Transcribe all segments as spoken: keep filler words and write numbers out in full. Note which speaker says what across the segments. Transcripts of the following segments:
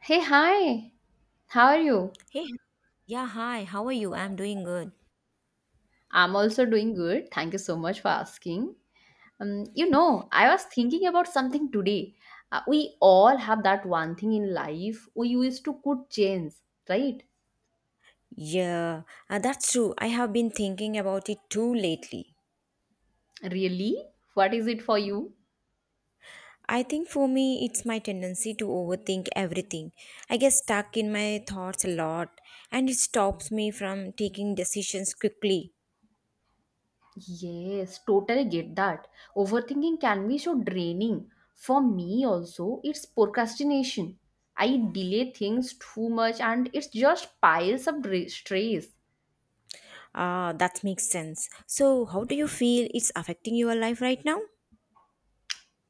Speaker 1: Hey, hi. How are you?
Speaker 2: Hey, yeah, hi, how are you? I'm doing good.
Speaker 1: I'm also doing good. Thank you so much for asking. Um, you know, I was thinking about something today. Uh, we all have that one thing in life we used to could change, right?
Speaker 2: Yeah, uh, that's true. I have been thinking about it too lately.
Speaker 1: Really? What is it for you?
Speaker 2: I think for me, it's my tendency to overthink everything. I get stuck in my thoughts a lot, and it stops me from taking decisions quickly.
Speaker 1: Yes, totally get that. Overthinking can be so draining. For me, also, it's procrastination. I delay things too much and it just piles up dra- stress.
Speaker 2: Ah, that makes sense. So, how do you feel it's affecting your life right now?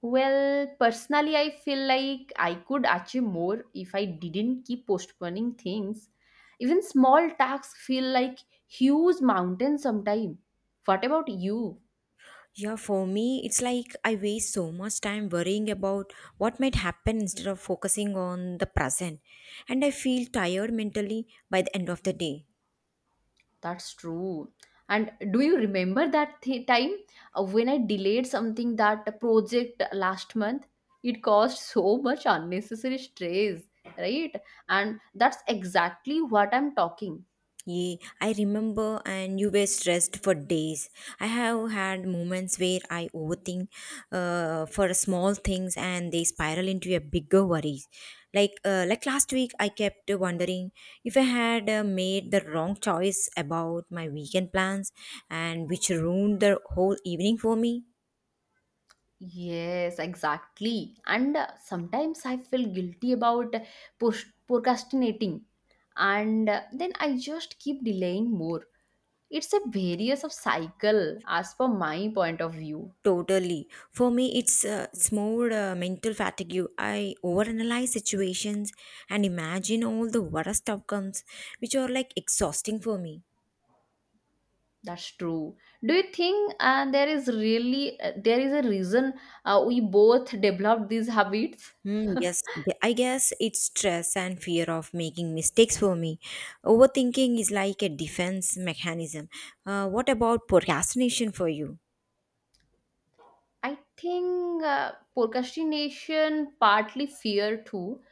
Speaker 1: Well, personally, I feel like I could achieve more if I didn't keep postponing things. Even small tasks feel like huge mountains sometimes. What about you?
Speaker 2: Yeah, for me, it's like I waste so much time worrying about what might happen instead of focusing on the present. And I feel tired mentally by the end of the day.
Speaker 1: That's true. And do you remember that th- time uh, when I delayed something that project last month? It caused so much unnecessary stress, right? And that's exactly what I'm talking.
Speaker 2: Yeah, I remember, and you were stressed for days. I have had moments where I overthink uh, for small things, and they spiral into a bigger worries. Like uh, like last week, I kept wondering if I had uh, made the wrong choice about my weekend plans, and which ruined the whole evening for me.
Speaker 1: Yes, exactly. And uh, sometimes I feel guilty about push- procrastinating, and uh, then I just keep delaying more. It's a various of cycle, as per my point of view.
Speaker 2: Totally. For me, it's uh, it's more uh, mental fatigue. I overanalyze situations and imagine all the worst outcomes, which are like exhausting for me.
Speaker 1: That's true. Do you think uh, there is really uh, there is a reason uh, we both developed these habits?
Speaker 2: Hmm, yes, th- I guess it's stress and fear of making mistakes for me. Overthinking is like a defense mechanism. Uh, what about procrastination for you?
Speaker 1: I think uh, procrastination partly fear too,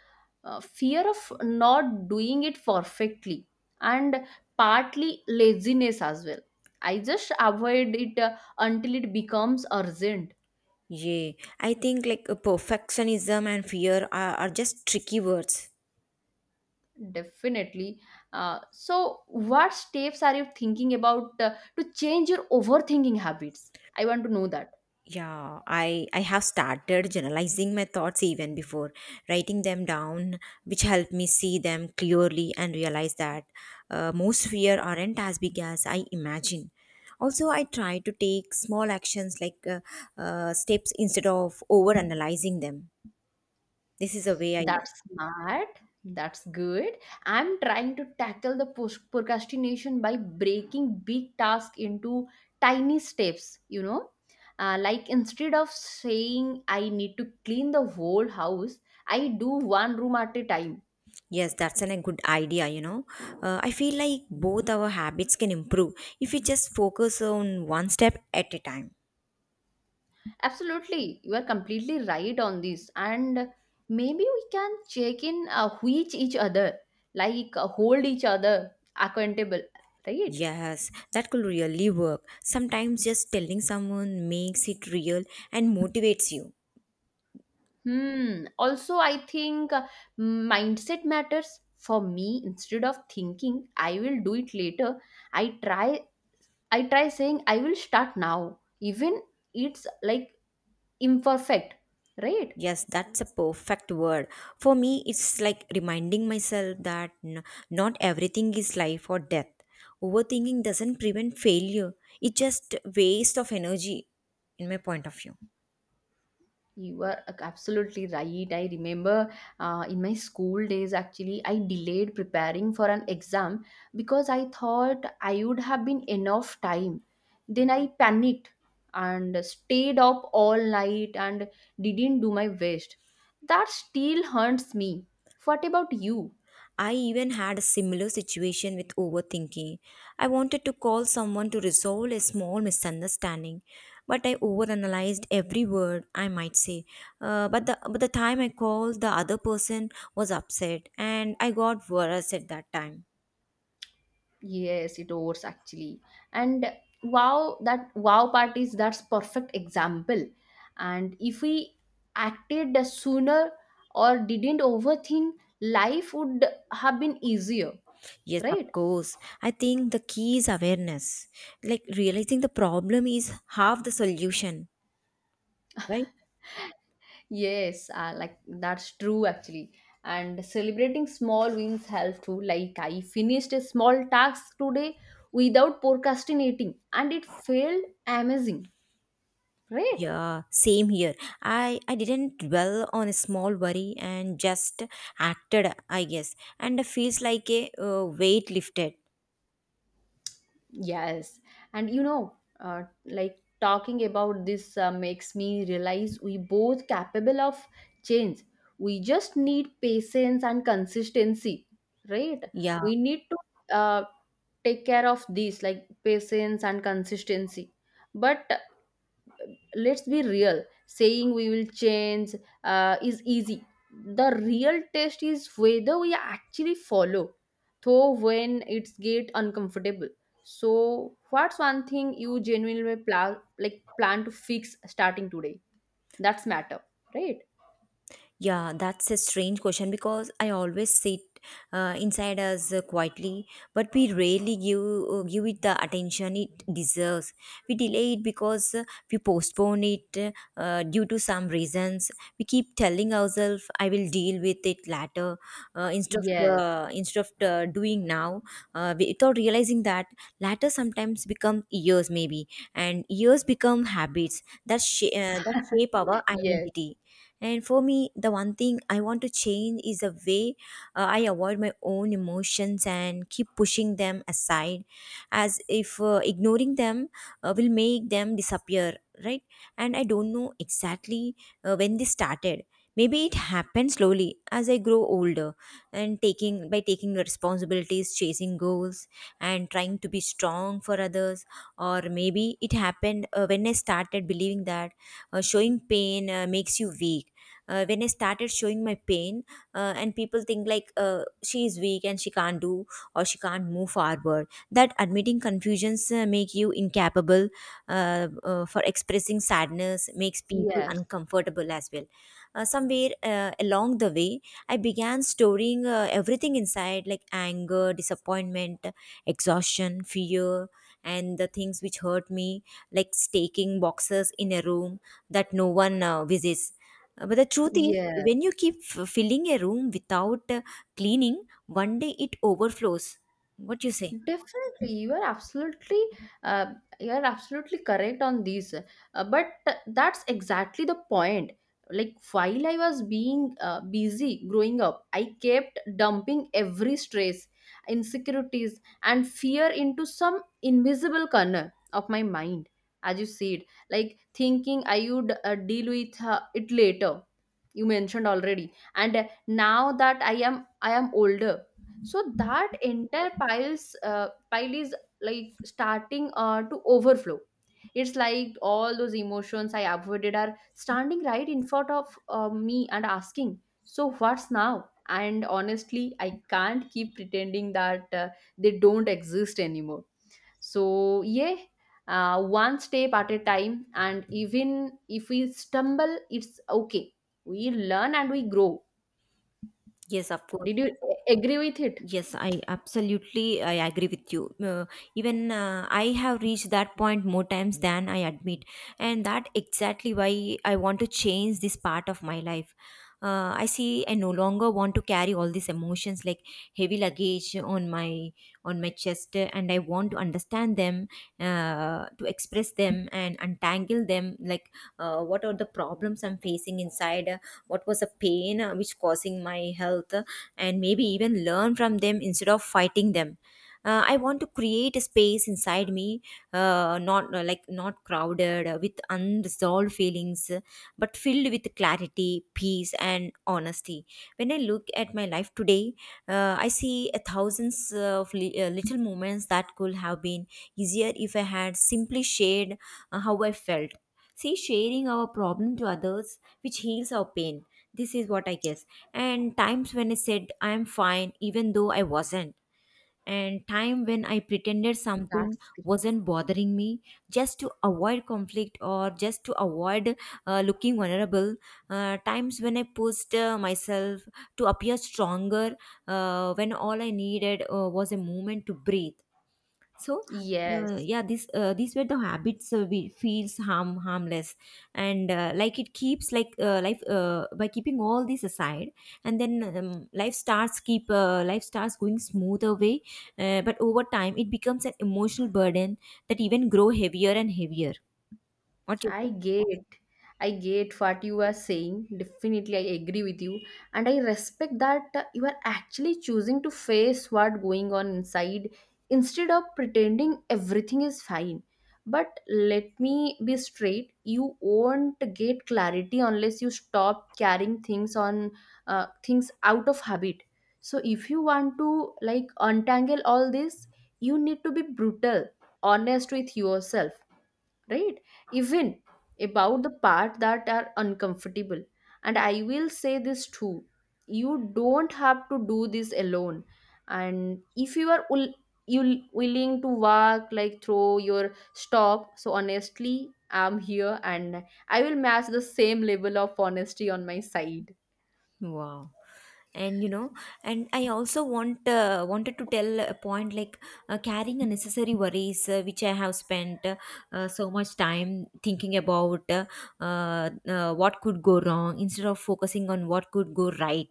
Speaker 1: uh, fear of not doing it perfectly, and partly laziness as well. I just avoid it uh, until it becomes urgent.
Speaker 2: Yeah, I think like uh, perfectionism and fear are, are just tricky words.
Speaker 1: Definitely. Uh, so what steps are you thinking about uh, to change your overthinking habits? I want to know that.
Speaker 2: Yeah, i i have started generalizing my thoughts even before writing them down, which helped me see them clearly and realize that, uh, most fear aren't as big as I imagine. Also, I try to take small actions like uh, uh, steps instead of over analyzing them. This is a way I.
Speaker 1: That's smart. That's good. I'm trying to tackle the pos- procrastination by breaking big tasks into tiny steps, you know. Uh, like instead of saying I need to clean the whole house, I do one room at a time.
Speaker 2: Yes, that's an, a good idea, you know, uh, I feel like both our habits can improve if we just focus on one step at a time.
Speaker 1: Absolutely. You are completely right on this. And maybe we can check in uh, with each other, like uh, hold each other accountable, right?
Speaker 2: Yes, that could really work. Sometimes just telling someone makes it real and motivates you.
Speaker 1: Hmm. Also, I think uh, mindset matters for me. Instead of thinking I will do it later, I try. I try saying I will start now, even it's like imperfect, right?
Speaker 2: Yes, that's a perfect word. For me, it's like reminding myself that n- not everything is life or death. Overthinking doesn't prevent failure, it's just waste of energy, in my point of view.
Speaker 1: You were uh, absolutely right. I remember uh, in my school days, actually, I delayed preparing for an exam because I thought I would have been enough time. Then I panicked and stayed up all night and didn't do my best. That still haunts me. What about you?
Speaker 2: I even had a similar situation with overthinking. I wanted to call someone to resolve a small misunderstanding, but I overanalyzed every word I might say. Uh, but the but the time I called, the other person was upset, and I got worse at that time.
Speaker 1: Yes, it works actually. And wow, that wow part is that's perfect example. And if we acted sooner or didn't overthink, life would have been easier,
Speaker 2: Yes, of
Speaker 1: right?
Speaker 2: course. I think the key is awareness, like realizing the problem is half the solution, right?
Speaker 1: Yes, uh, like that's true actually. And celebrating small wins help too. Like I finished a small task today without procrastinating, and it felt amazing, right?
Speaker 2: Yeah, same here. I I didn't dwell on a small worry and just acted, I guess. And it feels like a uh, weight lifted.
Speaker 1: Yes, and you know, uh, like talking about this uh, makes me realize we both capable of change. We just need patience and consistency, right?
Speaker 2: Yeah,
Speaker 1: We need to uh, take care of these like patience and consistency. But let's be real, saying we will change uh, is easy. The real test is whether we actually follow though when it's get uncomfortable. So what's one thing you genuinely plan, like plan to fix starting today, that's matter, right?
Speaker 2: yeah, that's a strange question because I always sit uh, inside us uh, quietly, but we rarely give uh, give it the attention it deserves. We delay it because, uh, we postpone it uh, due to some reasons. We keep telling ourselves, "I will deal with it later," uh, instead of
Speaker 1: Yes.
Speaker 2: uh, instead of uh, doing now, uh, without realizing that later sometimes become years maybe, and years become habits that sh- uh, that shape our
Speaker 1: Yes,
Speaker 2: identity. And for me, the one thing I want to change is the way uh, I avoid my own emotions and keep pushing them aside, as if uh, ignoring them uh, will make them disappear, right? And I don't know exactly uh, when this started. Maybe it happened slowly as I grow older, and taking by taking responsibilities, chasing goals, and trying to be strong for others. Or maybe it happened uh, when I started believing that, uh, showing pain uh, makes you weak. Uh, when I started showing my pain, uh, and people think like, uh, she is weak and she can't do, or she can't move forward, that admitting confusions uh, make you incapable, uh, uh, for expressing sadness makes people
Speaker 1: yes,
Speaker 2: uncomfortable as well. Uh, somewhere uh, along the way, I began storing, uh, everything inside, like anger, disappointment, exhaustion, fear, and the things which hurt me, like staking boxes in a room that no one uh, visits. Uh, but the truth is,
Speaker 1: yes.
Speaker 2: when you keep f- filling a room without uh, cleaning, one day it overflows. What you say?
Speaker 1: Definitely, you are absolutely, uh, you are absolutely correct on these. Uh, but that's exactly the point. Like while I was being uh, busy growing up, I kept dumping every stress, insecurities, and fear into some invisible corner of my mind. As you said, like thinking I would uh, deal with uh, it later. You mentioned already, and uh, now that I am I am older, so that entire piles uh, pile is like starting uh, to overflow. It's like all those emotions I avoided are standing right in front of uh, me and asking, so what's now? And honestly, I can't keep pretending that uh, they don't exist anymore. So yeah, uh, one step at a time, and even if we stumble, it's okay. We learn and we grow.
Speaker 2: Yes, of course.
Speaker 1: Did you a- agree with it?
Speaker 2: Yes, I absolutely I agree with you. Uh, even uh, I have reached that point more times than I admit, and that exactly why I want to change this part of my life. Uh, I see I no longer want to carry all these emotions like heavy luggage on my on my chest, uh, and I want to understand them, uh, to express them, and untangle them. Like, uh, what are the problems I'm facing inside? Uh, what was the pain uh, which causing my health? And maybe even learn from them instead of fighting them. Uh, I want to create a space inside me, uh, not uh, like not crowded uh, with unresolved feelings, uh, but filled with clarity, peace, and honesty. When I look at my life today, uh, I see a thousands of li- uh, little moments that could have been easier if I had simply shared uh, how I felt. See, sharing our problem to others, which heals our pain. This is what I guess. And times when I said I'm fine even though I wasn't, and time when I pretended something
Speaker 1: That's great.
Speaker 2: wasn't bothering me, just to avoid conflict, or just to avoid uh, looking vulnerable, uh, times when I pushed uh, myself to appear stronger uh, when all I needed uh, was a moment to breathe. So, uh,
Speaker 1: Yes,
Speaker 2: yeah, this uh, these were the habits uh, we feels harm harmless, and uh, like it keeps, like uh, life uh, by keeping all this aside, and then um, life starts keep uh, life starts going smoother way, uh, but over time it becomes an emotional burden that even grow heavier and heavier. What you
Speaker 1: I
Speaker 2: say?
Speaker 1: get. I get what you are saying. Definitely, I agree with you. And I respect that uh, you are actually choosing to face what going on inside instead of pretending everything is fine. But let me be straight. You won't get clarity unless you stop carrying things on, uh, things out of habit. So if you want to like untangle all this, you need to be brutal, honest with yourself, right? Even about the part that are uncomfortable. And I will say this too, you don't have to do this alone. And if you are will, you willing to work like throw your stop, so honestly, I'm here, and I will match the same level of honesty on my side,
Speaker 2: Wow. And you know, and I also want uh, wanted to tell a point like, uh, carrying unnecessary worries, uh, which I have spent uh, uh, so much time thinking about, uh, uh, uh, what could go wrong instead of focusing on what could go right.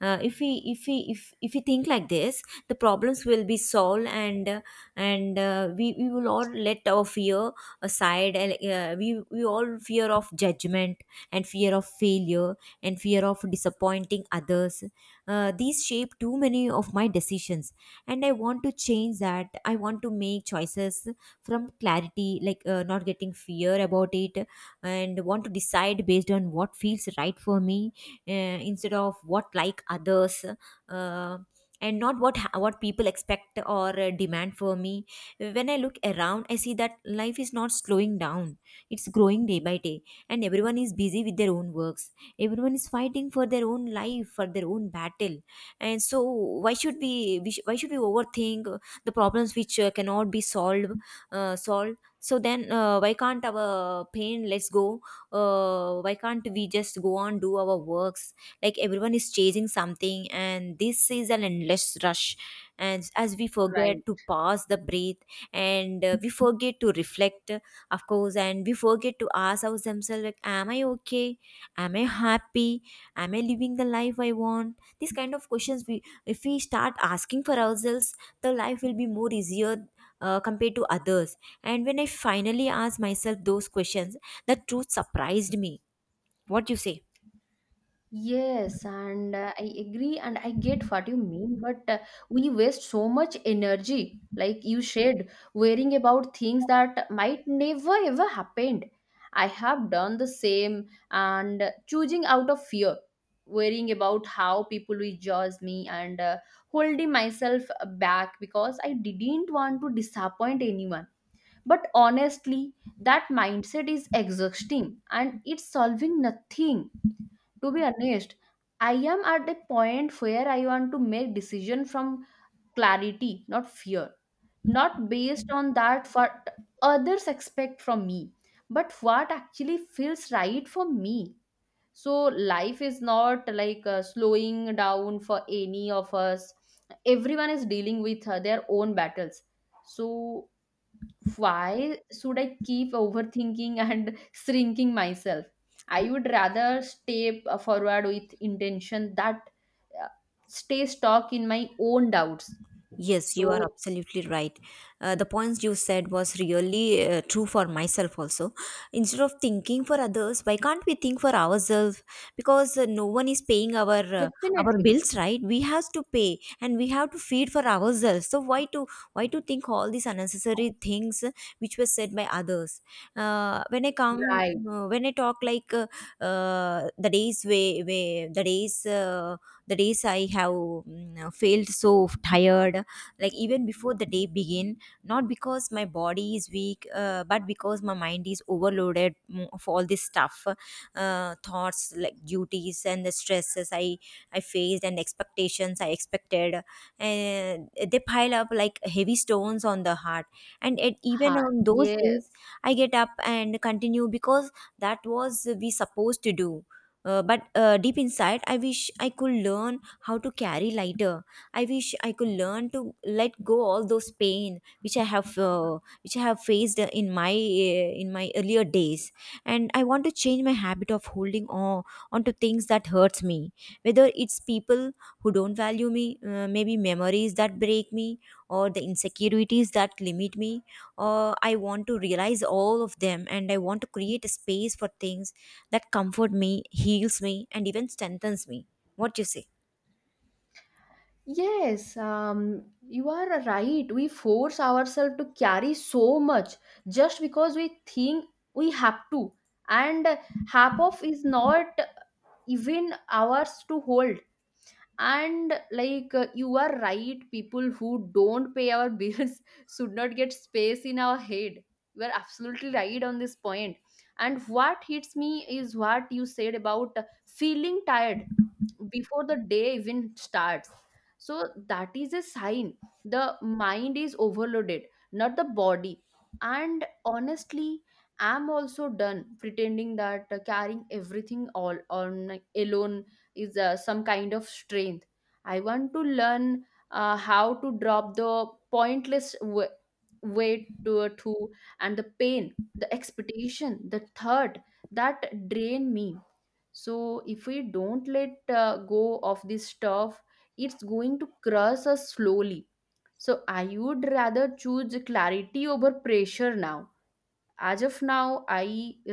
Speaker 2: Uh, if we if we if if we think like this, the problems will be solved, and uh, and uh, we we will all let our fear aside. And uh, we we all fear of judgment, and fear of failure, and fear of disappointing others. Uh, these shape too many of my decisions, and I want to change that. I want to make choices from clarity, like uh, not getting fear about it, and want to decide based on what feels right for me, uh, instead of what like others. Uh, and not what ha- what people expect or uh, demand for me. When I look around, I see that life is not slowing down, it's growing day by day, and everyone is busy with their own works, everyone is fighting for their own life, for their own battle. And so why should we, we sh- why should we overthink uh, the problems which uh, cannot be solved uh, solved? So then, uh, why can't our pain let's go? Uh, why can't we just go on do our works? Like everyone is chasing something, and this is an endless rush, and as we forget to
Speaker 1: right?
Speaker 2: pause the breath, and uh, we forget to reflect, of course, and we forget to ask ourselves like, am I okay, am I happy, am I living the life I want? These kind of questions, we, if we start asking for ourselves, the life will be more easier uh, compared to others. And when I finally asked myself those questions, the truth surprised me. What you say?
Speaker 1: Yes, and uh, I agree, and I get what you mean, but uh, we waste so much energy, like you said, worrying about things that might never ever happened. I have done the same, and uh, choosing out of fear, worrying about how people will judge me, and uh, holding myself back because I didn't want to disappoint anyone. But honestly, that mindset is exhausting and it's solving nothing, to be honest. I am at a point where I want to make decision from clarity, not fear, not based on that what others expect from me, but what actually feels right for me. So life is not like uh, slowing down for any of us. Everyone is dealing with uh, their own battles. So why should I keep overthinking and shrinking myself? I would rather step forward with intention that uh, stay stuck in my own doubts.
Speaker 2: Yes, you are
Speaker 1: So
Speaker 2: absolutely right. Uh, the points you said was really uh, true for myself also. Instead of thinking for others, why can't we think for ourselves? Because uh, no one is paying our, uh, our
Speaker 1: definitely,
Speaker 2: bills, right? We have to pay and we have to feed for ourselves. So why to why to think all these unnecessary things, uh, which were said by others? Uh, when I come,
Speaker 1: right?
Speaker 2: uh, when I talk like uh, uh, the days way, way the days uh, the days I have mm, failed, so tired, like even before the day begin, not because my body is weak, uh, but because my mind is overloaded mm, of all this stuff, uh, thoughts like duties and the stresses i i faced and expectations I expected, and they pile up like heavy stones on the heart. And it, even
Speaker 1: Ha,
Speaker 2: on those days,
Speaker 1: yes,
Speaker 2: I get up and continue because that was we supposed to do. Uh, but uh, deep inside I wish I could learn how to carry lighter. I wish I could learn to let go all those pain which I have uh, which I have faced uh, in my uh, in my earlier days, and I want to change my habit of holding on onto things that hurts me, whether it's people who don't value me, uh, maybe memories that break me, or the insecurities that limit me. Or I want to realize all of them, and I want to create a space for things that comfort me, heals me, and even strengthens me. What do you say?
Speaker 1: yes. Um, you are right. We force ourselves to carry so much just because we think we have to, and half of is not even ours to hold. And like uh, you are right, people who don't pay our bills should not get space in our head. You are absolutely right on this point point. And what hits me is what you said about feeling tired before the day even starts. So that is a sign the mind is overloaded, not the body. And honestly, I'm also done pretending that uh, carrying everything all on alone is uh, some kind of strength. I want to learn uh, how to drop the pointless w- weight to to and the pain, the expectation, the thought that drain me. So if we don't let uh, go of this stuff, it's going to crush us slowly. So I would rather choose clarity over pressure now. As of now, I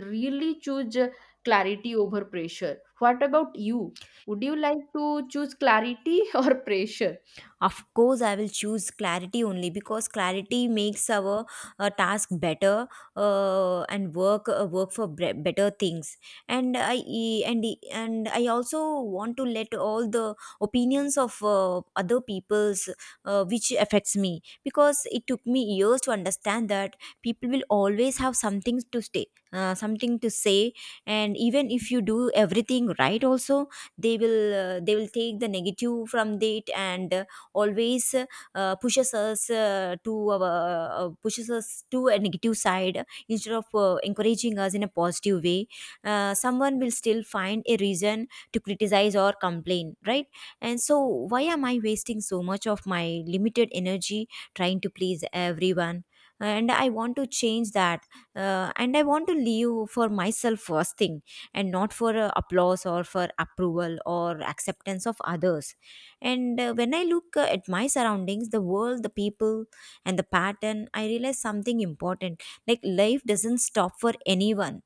Speaker 1: really choose uh, clarity over pressure. What about you? Would you like to choose clarity or pressure?
Speaker 2: Of course I will choose clarity only because clarity makes our uh, task better, uh, and work uh, work for bre- better things. And I e- and e- and I also want to let all the opinions of uh, other people's, uh, which affects me, because it took me years to understand that people will always have something to stay, uh, something to say. And even if you do everything right also, they will uh, they will take the negative from it and uh, always uh, pushes us uh, to our, uh, pushes us to a negative side instead of uh, encouraging us in a positive way. Uh, someone will still find a reason to criticize or complain, right? And so why am I wasting so much of my limited energy trying to please everyone? And I want to change that. Uh, and I want to live for myself first thing, and not for uh, applause or for approval or acceptance of others. And uh, when I look uh, at my surroundings, the world, the people, and the pattern, I realize something important. Like, life doesn't stop for anyone.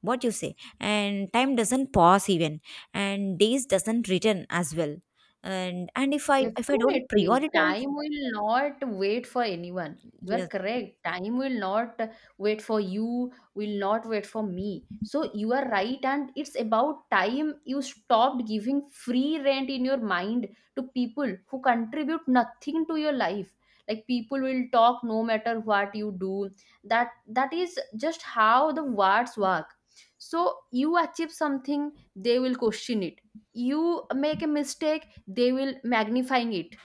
Speaker 2: What you say? And time doesn't pause even. And days doesn't return as well. And and if I if I don't
Speaker 1: Definitely,
Speaker 2: prioritize,
Speaker 1: time will not wait for anyone. You are
Speaker 2: yes,
Speaker 1: correct. Time will not wait for you, will not wait for me. So you are right, and it's about time you stopped giving free rent in your mind to people who contribute nothing to your life. Like people will talk no matter what you do. That that is just how the words work. So you achieve something, they will question it. You make a mistake, they will magnifying it.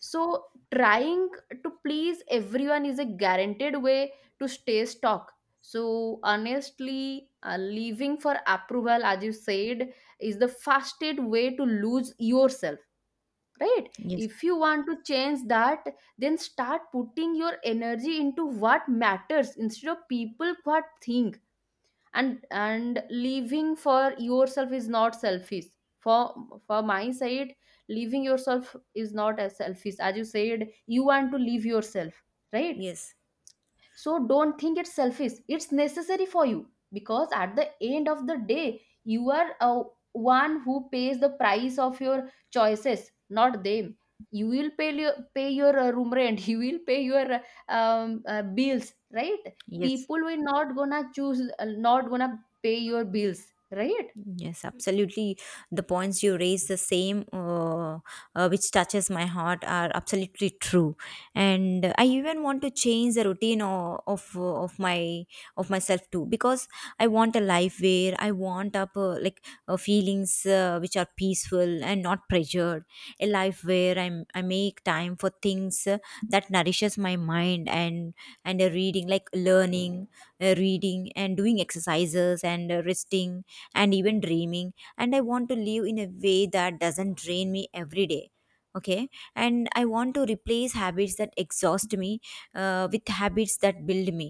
Speaker 1: So trying to please everyone is a guaranteed way to stay stuck. So honestly, uh, living for approval, as you said, is the fastest way to lose yourself, right?
Speaker 2: yes,
Speaker 1: If you want to change that, then start putting your energy into what matters instead of people what think. and and living for yourself is not selfish. for for my side, living yourself is not as selfish as you said. You want to live yourself, right?
Speaker 2: yes,
Speaker 1: So don't think it's selfish. It's necessary for you because at the end of the day, you are uh, one who pays the price of your choices, not them. You will pay your, pay your uh, room rent. You will pay your uh, um, uh, bills, right?
Speaker 2: yes.
Speaker 1: People will not gonna choose, uh, not gonna pay your bills, right?
Speaker 2: Yes, absolutely. The points you raise, the same uh, uh, which touches my heart, are absolutely true. And uh, I even want to change the routine of of, uh, of my of myself too, because I want a life where I want up uh, like uh, feelings uh, which are peaceful and not pressured. A life where I I make time for things uh, that nourishes my mind and and a reading like learning, uh, reading and doing exercises and uh, resting and even dreaming. And I want to live in a way that doesn't drain me every day. Okay. And I want to replace habits that exhaust me uh, with habits that build me.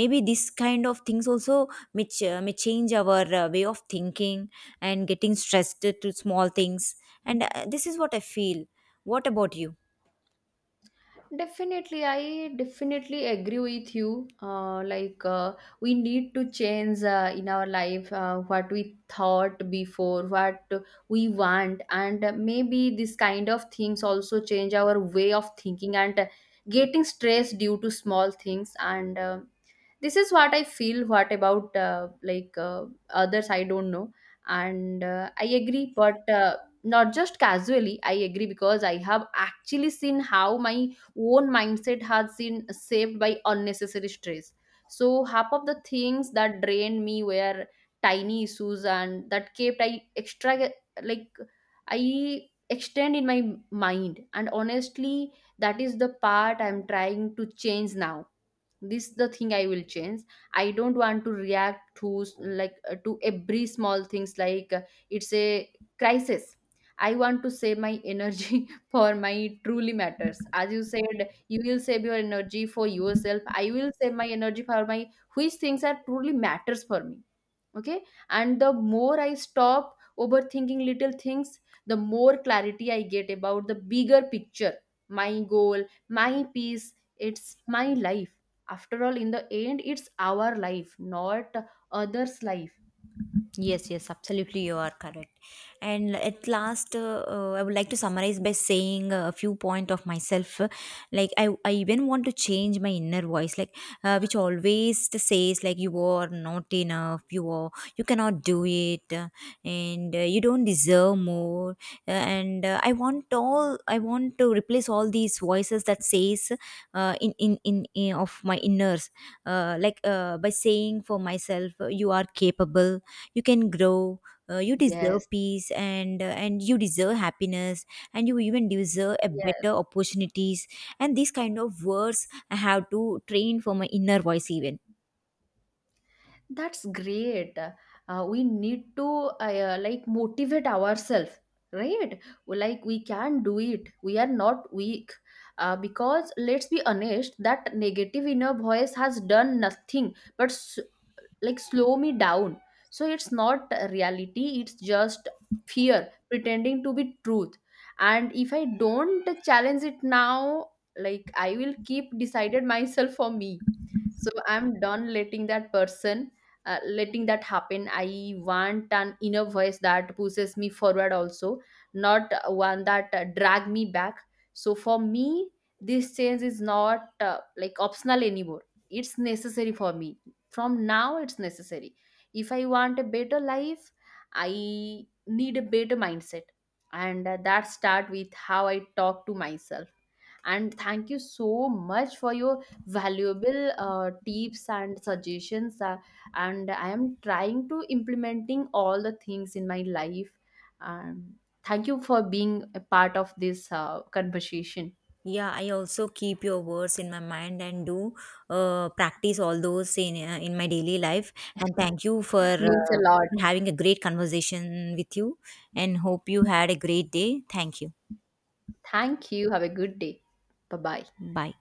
Speaker 2: Maybe this kind of things also may, ch- uh, may change our uh, way of thinking and getting stressed to small things. And uh, this is what I feel. What about you?
Speaker 1: Definitely, I definitely agree with you. Uh, like, uh, we need to change uh, in our life uh, what we thought before, what we want, and uh, maybe this kind of things also change our way of thinking and uh, getting stressed due to small things. And uh, this is what I feel. What about uh, like uh, others, I don't know. And uh, I agree, but uh, not just casually I agree, because I have actually seen how my own mindset has been saved by unnecessary stress. So half of the things that drained me were tiny issues, and that kept I extra, like I extend in my mind. And honestly, that is the part I'm trying to change now. This the thing I will change. I don't want to react to s- like uh, to every small things like uh, it's a crisis. I want to save my energy for my truly matters. As you said, you will save your energy for yourself, I will save my energy for my, which things are truly matters for me. Okay. And the more I stop overthinking little things, the more clarity I get about the bigger picture, my goal, my peace, it's my life. After all, in the end, it's our life, not others life.
Speaker 2: Yes, yes, absolutely, you are correct. And at last, uh, uh, I would like to summarize by saying a few point of myself. uh, Like I, I even want to change my inner voice, like, uh, which always t- says like you are not enough, you are, you cannot do it, uh, and uh, you don't deserve more. Uh, and uh, I want all, I want to replace all these voices that says uh, in, in in in of my inners, uh, like uh, by saying for myself, uh, you are capable, you can grow, uh, you deserve
Speaker 1: Yes,
Speaker 2: peace and uh, and you deserve happiness, and you even deserve a
Speaker 1: yes.
Speaker 2: better opportunities. And these kind of words I have to train for my inner voice even.
Speaker 1: That's great. Uh, we need to uh, uh, like motivate ourselves, right? Like we can do it. We are not weak. Uh, because let's be honest, that negative inner voice has done nothing but s- like slow me down. So it's not reality. It's just fear pretending to be truth. And if I don't challenge it now, like I will keep decided myself for me. So I'm done letting that person, uh, letting that happen. I want an inner voice that pushes me forward also, not one that uh, drag me back. So for me, this change is not uh, like optional anymore. It's necessary for me. From now it's necessary. If I want a better life, I need a better mindset. And uh, that start with how I talk to myself. And thank you so much for your valuable uh, tips and suggestions, uh, and I am trying to implementing all the things in my life. um, Thank you for being a part of this uh, conversation.
Speaker 2: Yeah, I also keep your words in my mind and do uh, practice all those in uh, in my daily life. And thank you for
Speaker 1: Means
Speaker 2: uh,
Speaker 1: a lot.
Speaker 2: having a great conversation with you, and hope you had a great day. Thank you.
Speaker 1: Thank you. Have a good day. Bye bye.
Speaker 2: Bye.